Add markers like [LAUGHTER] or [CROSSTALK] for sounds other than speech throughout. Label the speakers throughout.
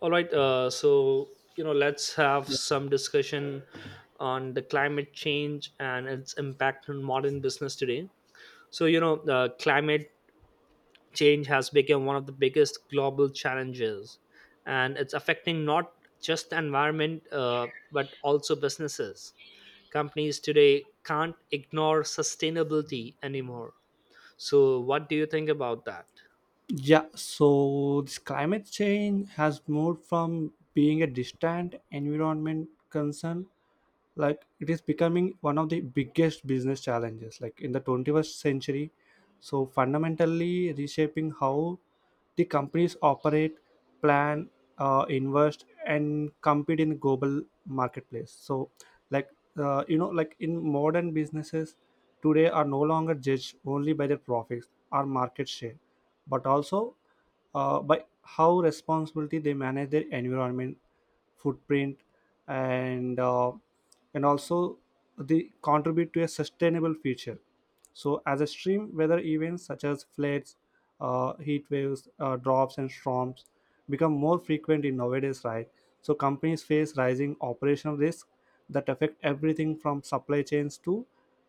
Speaker 1: All right, so let's have some discussion on the climate change and its impact on modern business today. So climate change has become one of the biggest global challenges, and it's affecting not just the environment but also businesses. Companies today can't ignore sustainability anymore. So, what do you think about that?
Speaker 2: Yeah, so this climate change has moved from being a distant environment concern, it is becoming one of the biggest business challenges, in the 21st century. So, fundamentally reshaping how the companies operate, plan, invest, and compete in the global marketplace. Like, in modern businesses, today are no longer judged only by their profits or market share, but also by how responsibility they manage their environment, footprint, and uh, and also they contribute to a sustainable future. So, as extreme weather events such as floods, heat waves, drops, and storms become more frequent in nowadays, right? So, companies face rising operational risks that affect everything from supply chains to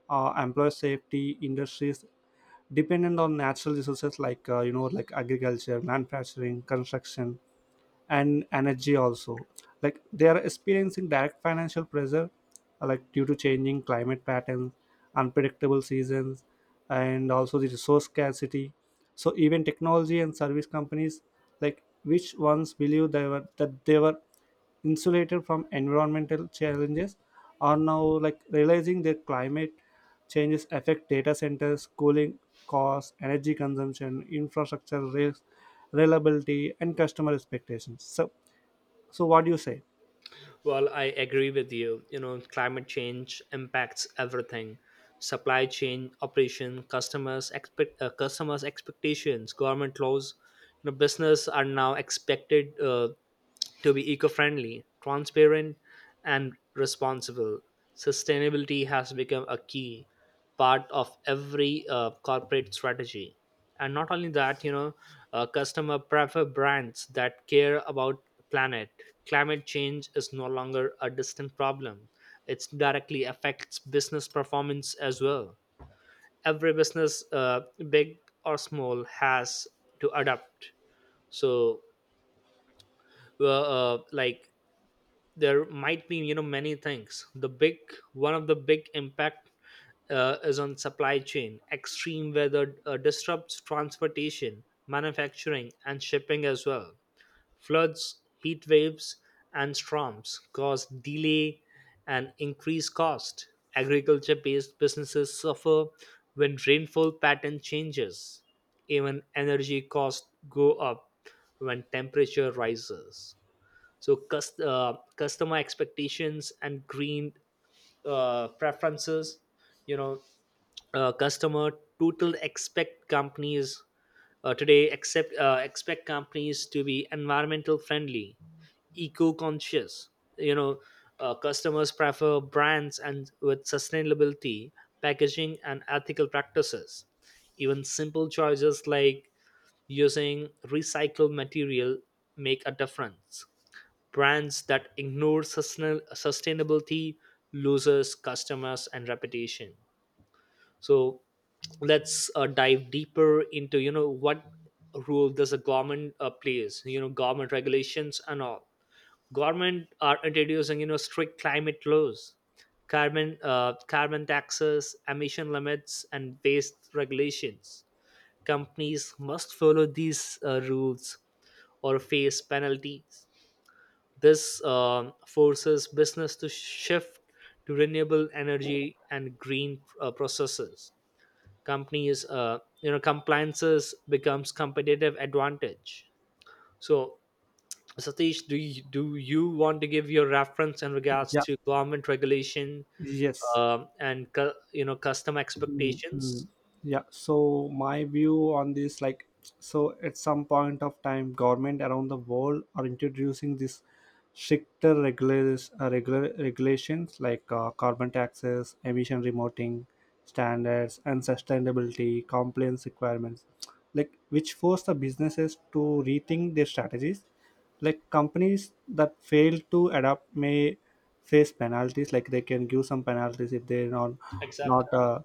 Speaker 2: employer safety. Industries dependent on natural resources like agriculture, manufacturing, construction, and energy also, they are experiencing direct financial pressure due to changing climate patterns, unpredictable seasons, and also the resource scarcity. So even technology and service companies, which once believed they were insulated from environmental challenges, are now realizing that climate changes affect data centers, cooling costs, energy consumption, infrastructure risks, reliability, and customer expectations. So what do you say?
Speaker 1: Well, I agree with you. You know, climate change impacts everything. Supply chain, operation, customers expectations, government laws. You know, business are now expected to be eco friendly, transparent, and responsible. Sustainability has become a key part of every corporate strategy. And not only that, you know, customer prefer brands that care about planet. Climate change is no longer a distant problem. It directly affects business performance as well. Every business, big or small, has to adapt. So, like there might be you know many things the big one of the big impact is on supply chain. Extreme weather disrupts transportation, manufacturing and shipping as well. Floods, heat waves and storms cause delay and increased cost. Agriculture based businesses suffer when rainfall pattern changes. Even energy costs go up when temperature rises. So customer expectations and green preferences, you know, customer total expect companies today accept expect companies to be environmental friendly, eco conscious. You know, customers prefer brands and with sustainability packaging and ethical practices. Even simple choices like using recycled material make a difference. Brands that ignore sustainability loses customers and reputation. So let's dive deeper into you know what role does the government plays, you know, government regulations and all. Government are introducing you know strict climate laws, carbon taxes, emission limits and waste regulations. Companies must follow these rules or face penalties. This forces business to shift to renewable energy and green processes. Companies, compliances becomes competitive advantage. So, Satish, do you want to give your reference in regards
Speaker 2: Yeah.
Speaker 1: to government regulation
Speaker 2: Yes.
Speaker 1: and you know custom
Speaker 2: Mm,
Speaker 1: expectations?
Speaker 2: mm. Yeah, so my view on this, so at some point of time, government around the world are introducing this stricter regulars, regular regulations, like carbon taxes, emission remoting standards, and sustainability compliance requirements, which force the businesses to rethink their strategies. Like companies that fail to adapt may face penalties. Like they can give some penalties if they're not,
Speaker 1: Exactly.
Speaker 2: not uh,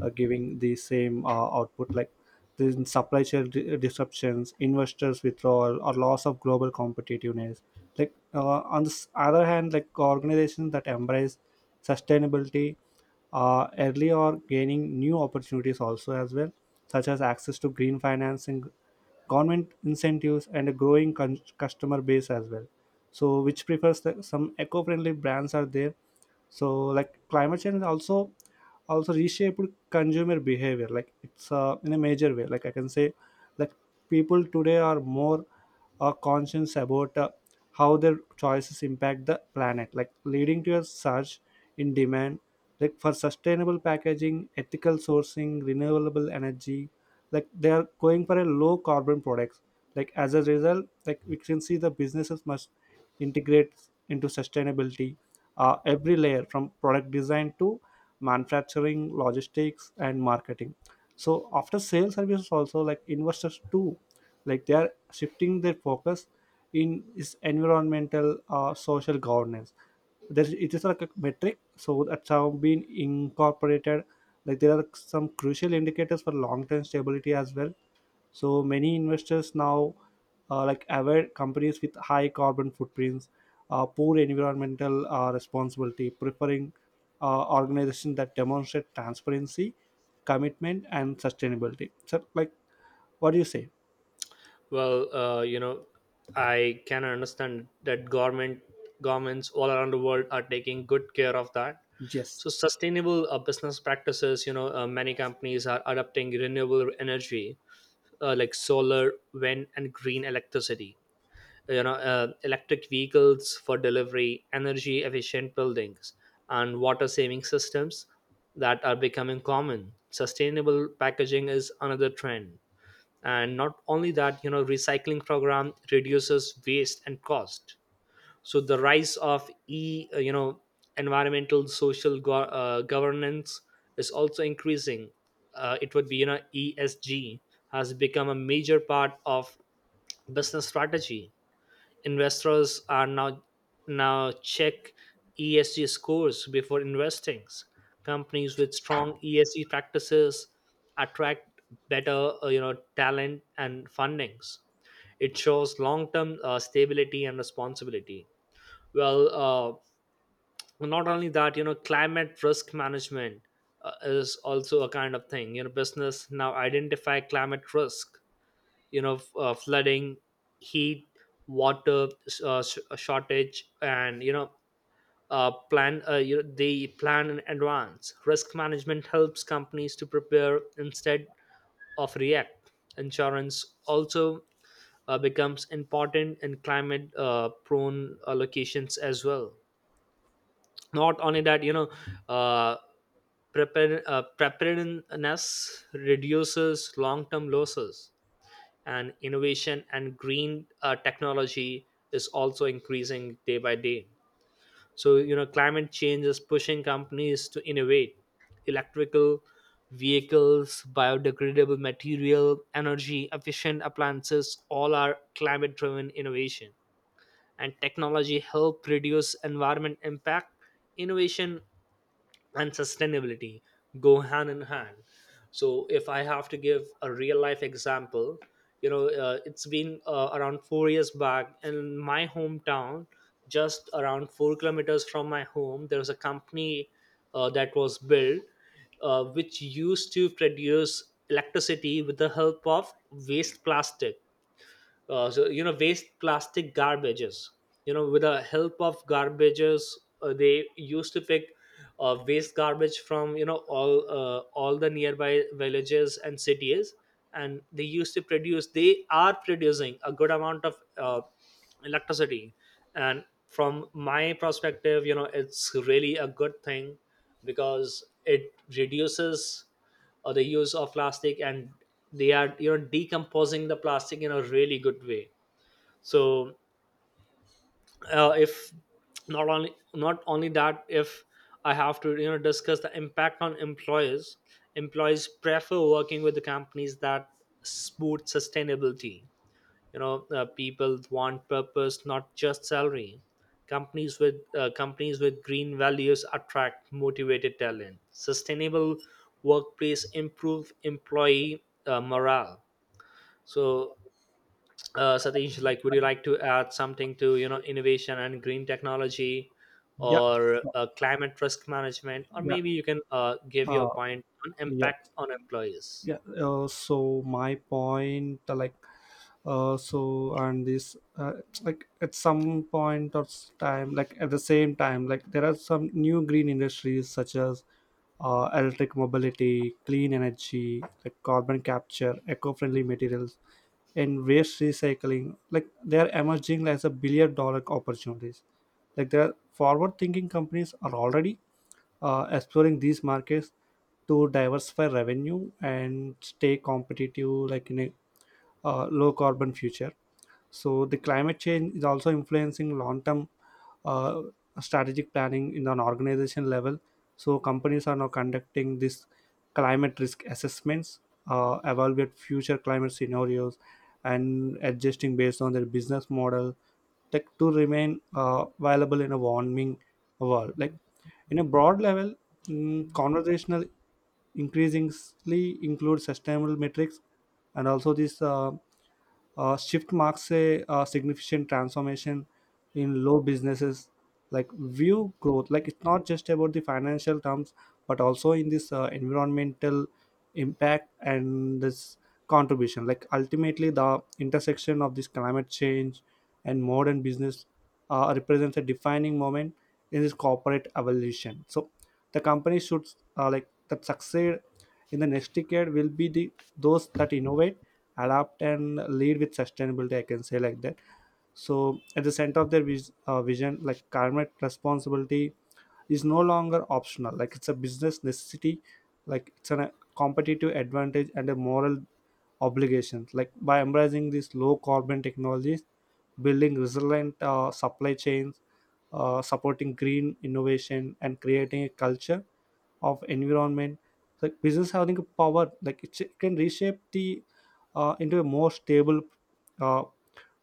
Speaker 2: uh, giving the same output. Like there's supply chain disruptions, investors withdrawal, or loss of global competitiveness. Like on the other hand, organizations that embrace sustainability early or gaining new opportunities also as well, such as access to green financing, government incentives, and a growing customer base as well, so which prefers the, some eco-friendly brands are there. So like climate change also reshaped consumer behavior, it's in a major way, like I can say that people today are more conscious about how their choices impact the planet, like leading to a surge in demand, like for sustainable packaging, ethical sourcing, renewable energy. Like they are going for a low carbon products. Like as a result, we can see the businesses must integrate into sustainability every layer, from product design to manufacturing, logistics, and marketing, so after sales services also. Like investors too, they are shifting their focus in is environmental social governance. There, it is like a metric, so that's how been incorporated. Like there are some crucial indicators for long-term stability as well. So many investors now avoid companies with high carbon footprints, poor environmental responsibility, preferring organizations that demonstrate transparency, commitment, and sustainability. So, like, what do you say?
Speaker 1: Well, I can understand that governments all around the world are taking good care of that.
Speaker 2: Yes.
Speaker 1: So sustainable business practices, you know, many companies are adopting renewable energy like solar, wind, and green electricity. You know, electric vehicles for delivery, energy efficient buildings, and water saving systems that are becoming common. Sustainable packaging is another trend, and not only that you know recycling program reduces waste and cost. So the rise of e you know environmental social governance is also increasing. It would be you know ESG has become a major part of business strategy. Investors are now check ESG scores before investing. Companies with strong ESG practices attract better, talent and fundings. It shows long term stability and responsibility. Well, not only that, you know, climate risk management is also a kind of thing. You know, business now identify climate risk, you know, flooding, heat, water, shortage, and you know they plan in advance. Risk management helps companies to prepare instead of react. Insurance also becomes important in climate prone locations as well. Not only that you know, uh, preparedness reduces long term losses. And innovation and green technology is also increasing day by day. So you know climate change is pushing companies to innovate. Electrical vehicles, biodegradable material, energy efficient appliances, all are climate driven innovation, and technology help reduce environment impact. Innovation and sustainability go hand in hand. So if I have to give a real life example, you know, it's been around 4 years back in my hometown, just around 4 kilometers from my home, there was a company that was built, which used to produce electricity with the help of waste plastic. So you know, waste plastic garbages, you know, with the help of garbages, they used to pick waste garbage from you know all the nearby villages and cities. And they used to produce they are producing a good amount of electricity. And from my perspective, you know, it's really a good thing because it reduces or the use of plastic, and they are you know decomposing the plastic in a really good way. So if not only not only that, if I have to you know discuss the impact on employers. Employees prefer working with the companies that support sustainability. You know, people want purpose, not just salary. Companies with green values attract motivated talent. Sustainable workplace improve employee morale. So Satish, like would you like to add something to you know innovation and green technology,
Speaker 2: Yeah,
Speaker 1: or
Speaker 2: so,
Speaker 1: climate risk management, or
Speaker 2: yeah,
Speaker 1: maybe you can give your
Speaker 2: uh,
Speaker 1: point on
Speaker 2: yeah.
Speaker 1: impact on employees?
Speaker 2: Yeah, so my point, so and this, it's like at some point of time, like at the same time, like there are some new green industries such as electric mobility, clean energy, like carbon capture, eco-friendly materials, and waste recycling. Like they are emerging as a billion-dollar opportunities. Like there are forward thinking companies are already exploring these markets to diversify revenue and stay competitive, in a low carbon future. So the climate change is also influencing long-term uh, strategic planning in an organization level. So companies are now conducting this climate risk assessments, evaluate future climate scenarios, and adjusting based on their business model tech to remain viable in a warming world. Like in a broad level, mm, conversational increasingly include sustainable metrics and also this. Shift marks a, significant transformation in low businesses, like view growth, like it's not just about the financial terms, but also in this environmental impact and this contribution. Like ultimately the intersection of this climate change and modern business represents a defining moment in this corporate evolution. So the company should like that succeed in the next decade will be the those that innovate, adapt, and lead with sustainability, I can say like that. So at the center of their vision, like climate responsibility is no longer optional. Like it's a business necessity. Like it's an, a competitive advantage and a moral obligation. Like by embracing these low carbon technologies, building resilient supply chains, supporting green innovation, and creating a culture of environment, like business having a power, like it can reshape the into a more stable, uh,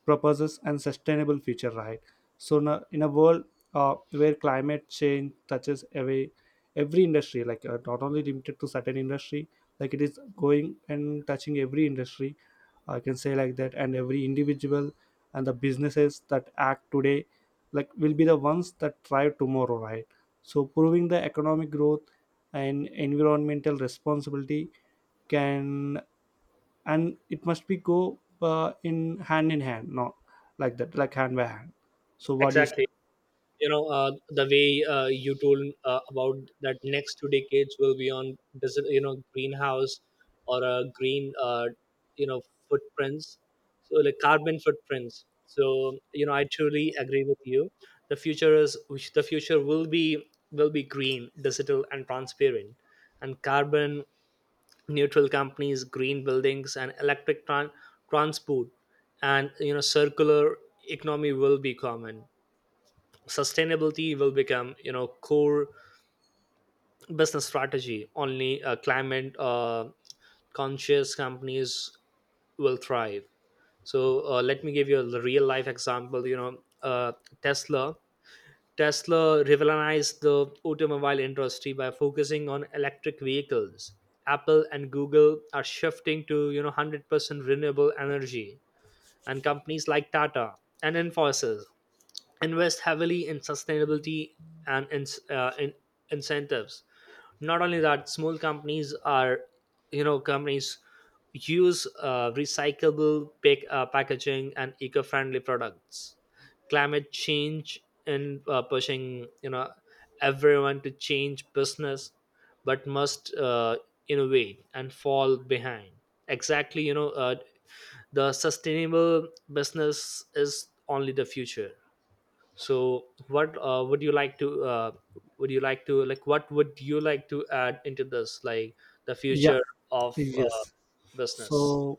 Speaker 2: purposes and sustainable future, right? So now in a world where climate change touches every industry, like not only limited to certain industry, like it is going and touching every industry, I can say like that, and every individual, and the businesses that act today, like will be the ones that thrive tomorrow, right? So proving the economic growth and environmental responsibility can and it must be go in hand in hand, not like that, like hand by hand. So what do you say?
Speaker 1: Exactly. You know, the way you told about that next 2 decades will be on desert, you know, greenhouse or green you know footprints, so like carbon footprints. So you know, I truly agree with you. The future is which the future will be green, digital and transparent, and carbon neutral companies, green buildings and transport, and you know circular economy will be common. Sustainability will become you know core business strategy. Only climate conscious companies will thrive. So let me give you a real life example. You know, Tesla, Tesla revolutionized the automobile industry by focusing on electric vehicles. Apple and Google are shifting to you know 100% renewable energy, and companies like Tata and Infosys invest heavily in sustainability and in incentives. Not only that, small companies are you know companies use packaging and eco-friendly products. Climate change and pushing you know everyone to change business, but must innovate and fall behind. Exactly. You know, the sustainable business is only the future. So what would you like to add into this, like the
Speaker 2: Yeah.
Speaker 1: future of
Speaker 2: Yes.
Speaker 1: business?
Speaker 2: So,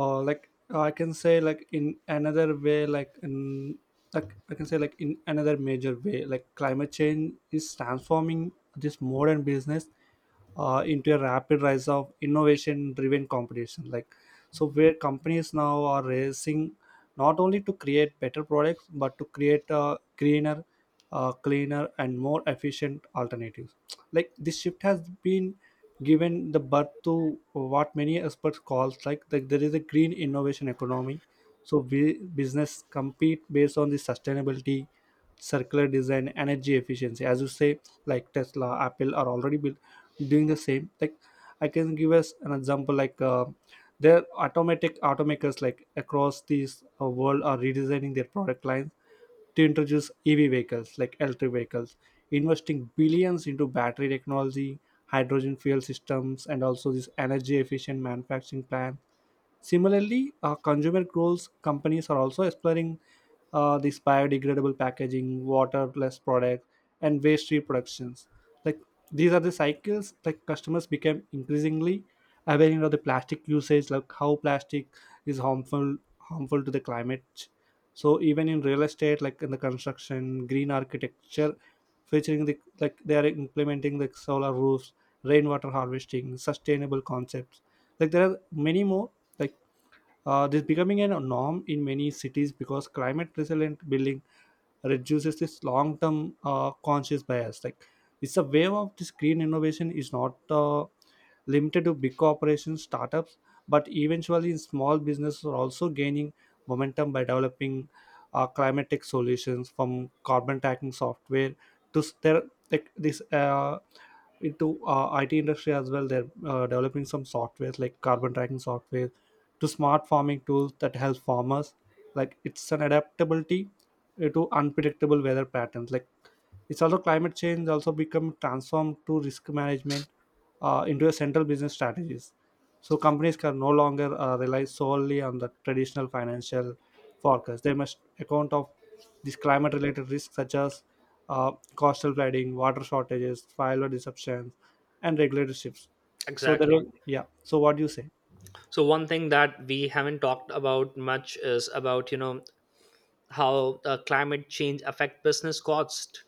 Speaker 2: like I can say like in another way like in like I can say like in another major way, like climate change is transforming this modern business into a rapid rise of innovation driven competition. Like so where companies now are racing not only to create better products, but to create greener, cleaner, and more efficient alternatives. Like this shift has been given the birth to what many experts calls, like the, there is a green innovation economy. So we, business compete based on the sustainability, circular design, energy efficiency, as you say, like Tesla, Apple are already built doing the same. Like I can give us an example, like, their automatic automakers, like across this world, are redesigning their product lines to introduce EV vehicles, like electric vehicles, investing billions into battery technology, hydrogen fuel systems, and also this energy efficient manufacturing plan. Similarly, consumer goals companies are also exploring this biodegradable packaging, waterless products, and waste reproductions. Like these are the cycles, like customers became increasingly aware of the plastic usage, like how plastic is harmful to the climate. So even in real estate, like in the construction, green architecture, featuring the like they are implementing the solar roofs, rainwater harvesting, sustainable concepts. Like there are many more, like this becoming a norm in many cities because climate resilient building reduces this long term conscious bias. Like it's a wave of this green innovation is not limited to big corporations, startups, but eventually small businesses are also gaining momentum by developing climate tech solutions, from carbon tracking software to s- there like this into IT industry as well. They're developing some softwares like carbon tracking software to smart farming tools that help farmers. Like it's an adaptability to unpredictable weather patterns. Like it's also climate change also become transformed to risk management into a central business strategies. So companies can no longer rely solely on the traditional financial forecast. They must account of these climate related risks such as coastal flooding, water shortages, fire disruptions, and regulatory shifts. So there
Speaker 1: Exactly.
Speaker 2: will, yeah. So what do you say?
Speaker 1: So one thing that we haven't talked about much is about you know how climate change affect business cost.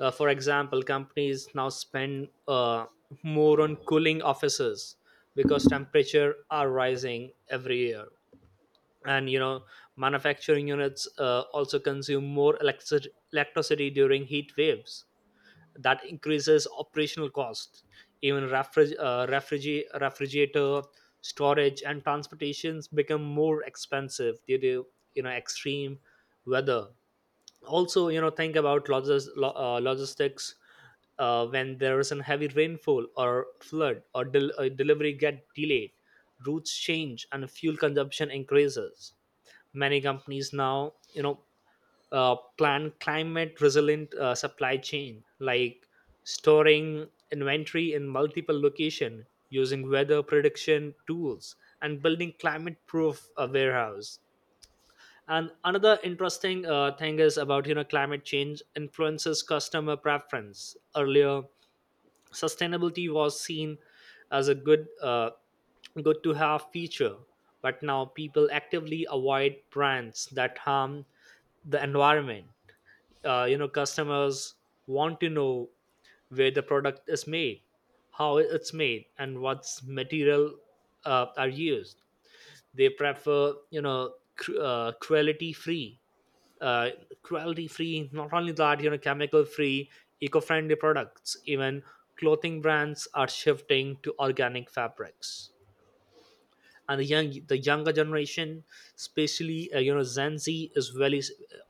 Speaker 1: For example, companies now spend more on cooling offices because temperature are rising every year. And you know manufacturing units also consume more electric- electricity during heat waves. That increases operational cost. Even refrigerator storage and transportations become more expensive due to you know extreme weather. Also, you know, think about logistics. When there is a heavy rainfall or flood, or delivery get delayed, routes change and fuel consumption increases. Many companies now you know plan climate resilient supply chain, like storing inventory in multiple location, using weather prediction tools, and building climate proof a warehouse. And another interesting thing is about you know climate change influences customer preference. Earlier sustainability was seen as a good to have feature, but now people actively avoid brands that harm the environment. You know, customers want to know where the product is made, how it's made, and what's material are used. They prefer you know uh, cruelty free. Not only that, you know, chemical free, eco-friendly products. Even clothing brands are shifting to organic fabrics. And the younger generation, especially you know gen z, is very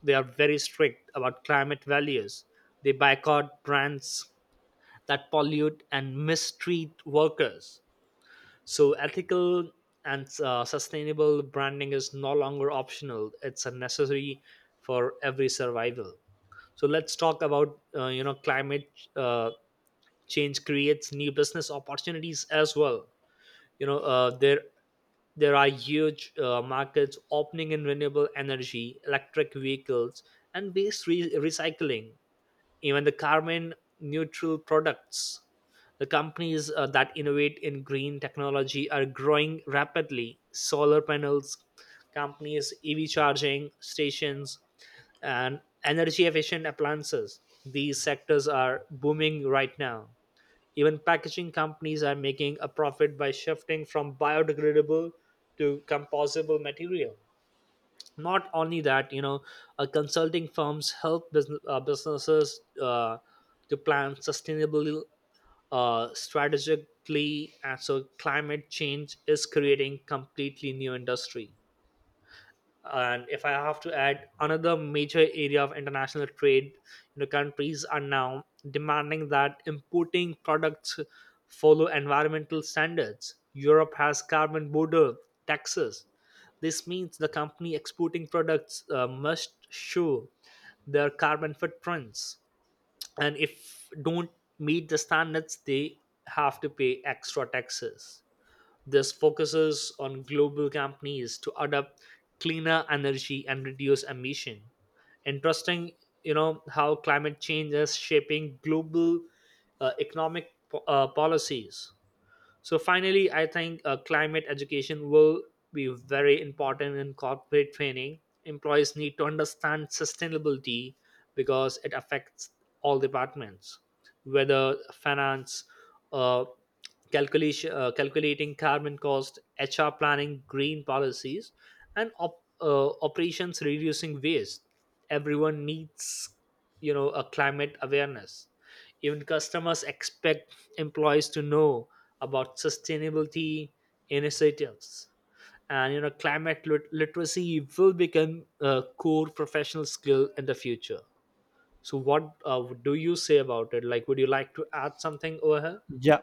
Speaker 1: they are very strict about climate values. They boycott brands that pollute and mistreat workers. So ethical and sustainable branding is no longer optional, it's a necessary for every survival. So let's talk about you know climate uh, change creates new business opportunities as well. You know, there are huge markets opening in renewable energy, electric vehicles, and recycling, even the carbon neutral products. The companies that innovate in green technology are growing rapidly. Solar panels companies, EV charging stations, and energy efficient appliances, these sectors are booming right now. Even packaging companies are making a profit by shifting from biodegradable to composable material. Not only that, you know, consulting firms help businesses to plan sustainably strategically. And so climate change is creating completely new industry. And if I have to add, another major area of international trade, you know, countries are now demanding that importing products follow environmental standards. Europe has carbon border taxes. This means the company exporting products must show their carbon footprints, and if don't meet the standards, they have to pay extra taxes. This focuses on global companies to adopt cleaner energy and reduce emission. Interesting, you know, how climate change is shaping global economic policies. So finally, I think climate education will be very important in corporate training. Employees need to understand sustainability because it affects all departments, whether finance, uh, calculating carbon cost, HR planning, green policies, and operations reducing waste. Everyone needs, you know, a climate awareness. Even customers expect employees to know about sustainability initiatives. And you know, literacy will become a core professional skill in the future. So, what do you say about it? Like, would you like to add something over here?
Speaker 2: Yeah.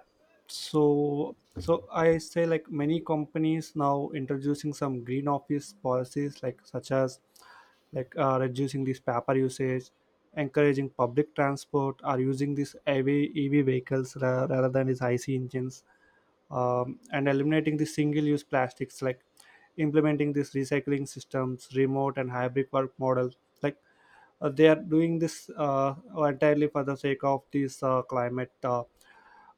Speaker 2: So so I say like many companies now introducing some green office policies, like such as, like reducing this paper usage, encouraging public transport, or using these EV vehicles rather than these IC engines, and eliminating the single-use plastics, like implementing these recycling systems, remote and hybrid work models, like they are doing this entirely for the sake of this climate, uh,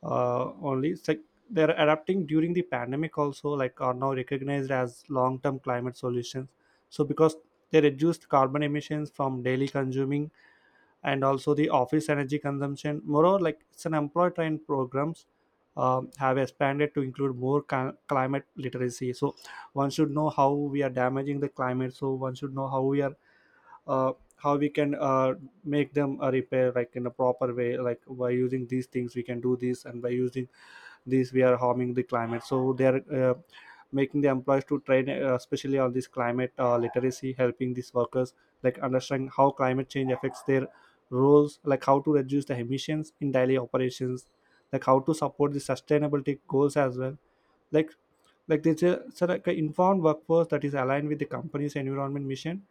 Speaker 2: uh, only. It's like they're adapting during the pandemic also, like are now recognized as long-term climate solutions, so because they reduced carbon emissions from daily consuming and also the office energy consumption. Moreover, like it's an employee trained programs have expanded to include more climate literacy. So one should know how we are damaging the climate. So one should know how we are how we can make them a repair, like in a proper way, like by using these things we can do this, and by using these we are harming the climate. So they are making the employees to train especially on this climate literacy, helping these workers like understand how climate change affects their roles, like how to reduce the emissions in daily operations, like how to support the sustainability goals as well. like like there's a so like an informed workforce that is aligned with the company's environment mission.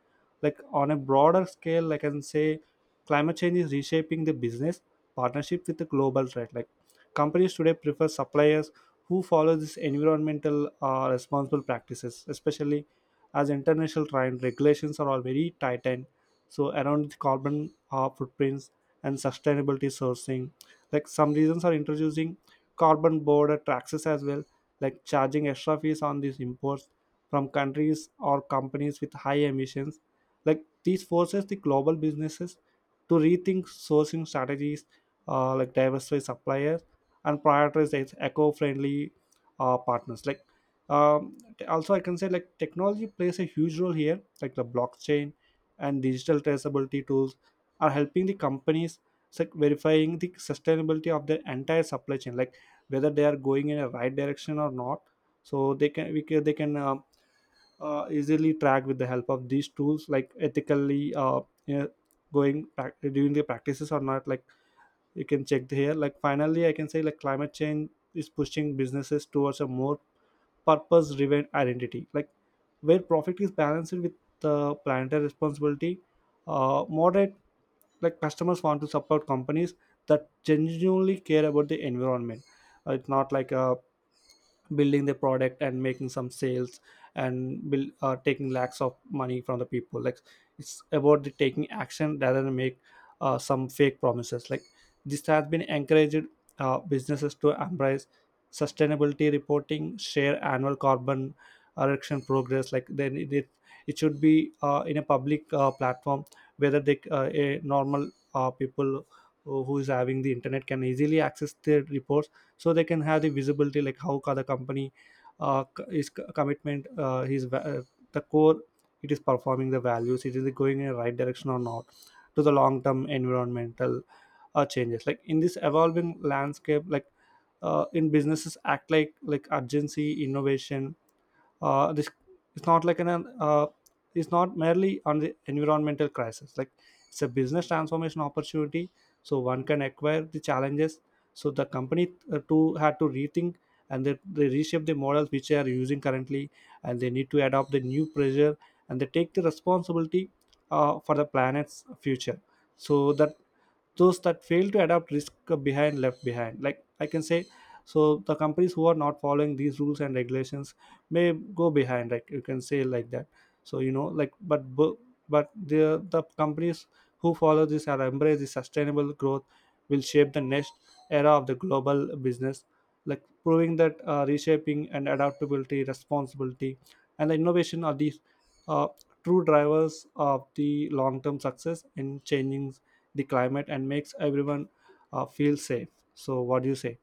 Speaker 2: Like on a broader scale, like I can say climate change is reshaping the business partnership with the global threat. Like companies today prefer suppliers who follow this environmental responsible practices, especially as international trade regulations are all very tightened, so around the carbon footprints and sustainability sourcing. Like some regions are introducing carbon border taxes as well, like charging extra fees on these imports from countries or companies with high emissions. Like these forces the global businesses to rethink sourcing strategies, like diversify suppliers and prioritize its eco-friendly partners. Like also, I can say like technology plays a huge role here. Like the blockchain and digital traceability tools are helping the companies like verifying the sustainability of their entire supply chain. Like whether they are going in a right direction or not, so they can easily track with the help of these tools like ethically you know, doing the practices or not, like you can check here. Like finally I can say like climate change is pushing businesses towards a more purpose driven identity, like where profit is balanced with the planetary responsibility. Moderate, like customers want to support companies that genuinely care about the environment. It's not like a building the product and making some sales and build, taking lakhs of money from the people. Like it's about the taking action rather than make some fake promises. Like this has been encouraged businesses to embrace sustainability reporting, share annual carbon reduction progress. Like then it should be in a public platform, whether they a normal people who is having the internet can easily access their reports, so they can have the visibility like how the company is commitment the core, it is performing the values, it is going in the right direction or not, to the long term environmental changes. Like in this evolving landscape, like in businesses act like urgency innovation. This it's not like an it's not merely on the environmental crisis. Like it's a business transformation opportunity, so one can acquire the challenges, so the company too had to rethink, and they reshape the models which they are using currently, and they need to adopt the new pressure, and they take the responsibility for the planet's future. So that those that fail to adapt risk behind left behind, like I can say. So the companies who are not following these rules and regulations may go behind, like you can say like that. So you know like but the companies who follow this or embrace the sustainable growth will shape the next era of the global business, like proving that reshaping and adaptability responsibility and the innovation are these uh, true drivers of the long term success in changing the climate and makes everyone feel safe. So, what do you say?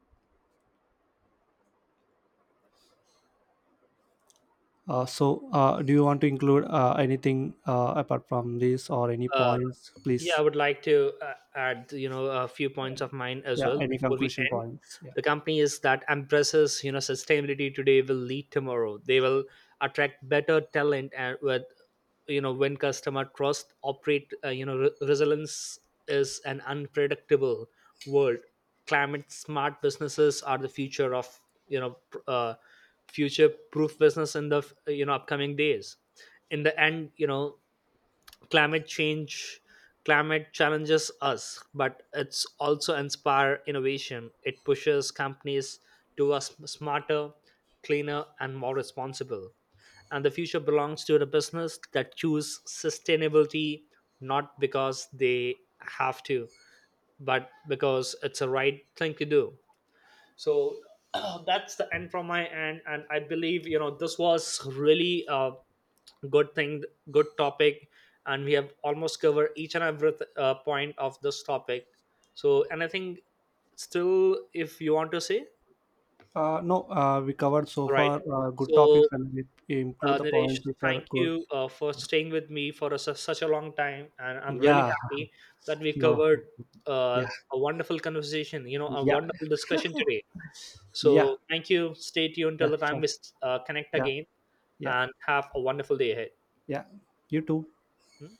Speaker 2: Do you want to include anything apart from this, or any
Speaker 1: Uh,
Speaker 2: points,
Speaker 1: Yeah, I
Speaker 2: please?
Speaker 1: would like to add, you know, a few points of mine as
Speaker 2: Yeah,
Speaker 1: well
Speaker 2: any
Speaker 1: before we
Speaker 2: conclusion
Speaker 1: end.
Speaker 2: points? Yeah.
Speaker 1: The company is that embraces, you know, sustainability today will lead tomorrow. They will attract better talent and with, you know, when customer trust operate, resilience is an unpredictable world. Climate smart businesses are the future of, you know, future proof business in the, you know, upcoming days. In the end, you know, climate change climate challenges us, but it's also inspire innovation. It pushes companies to us smarter, cleaner and more responsible, and the future belongs to the business that choose sustainability, not because they have to, but because it's a right thing to do. So [CLEARS THROAT] that's the end from my end, and I believe you know this was really a good thing, good topic, and we have almost covered each and every point of this topic. So, and I think, still if you want to say.
Speaker 2: No, we covered so
Speaker 1: All right,
Speaker 2: far good
Speaker 1: so
Speaker 2: topics, and we include the
Speaker 1: Niresh,
Speaker 2: points which are
Speaker 1: thank
Speaker 2: good.
Speaker 1: you for staying with me for a, such a long time, and I'm really
Speaker 2: Yeah,
Speaker 1: happy that we
Speaker 2: [LAUGHS] no,
Speaker 1: covered uh,
Speaker 2: yeah,
Speaker 1: a wonderful conversation. You know, a
Speaker 2: yeah,
Speaker 1: wonderful discussion today.
Speaker 2: yeah,
Speaker 1: So thank you. Stay tuned till
Speaker 2: yeah,
Speaker 1: the time
Speaker 2: sure.
Speaker 1: we connect
Speaker 2: Yeah,
Speaker 1: again
Speaker 2: yeah,
Speaker 1: and have a wonderful day ahead.
Speaker 2: yeah. You too.
Speaker 1: Hmm?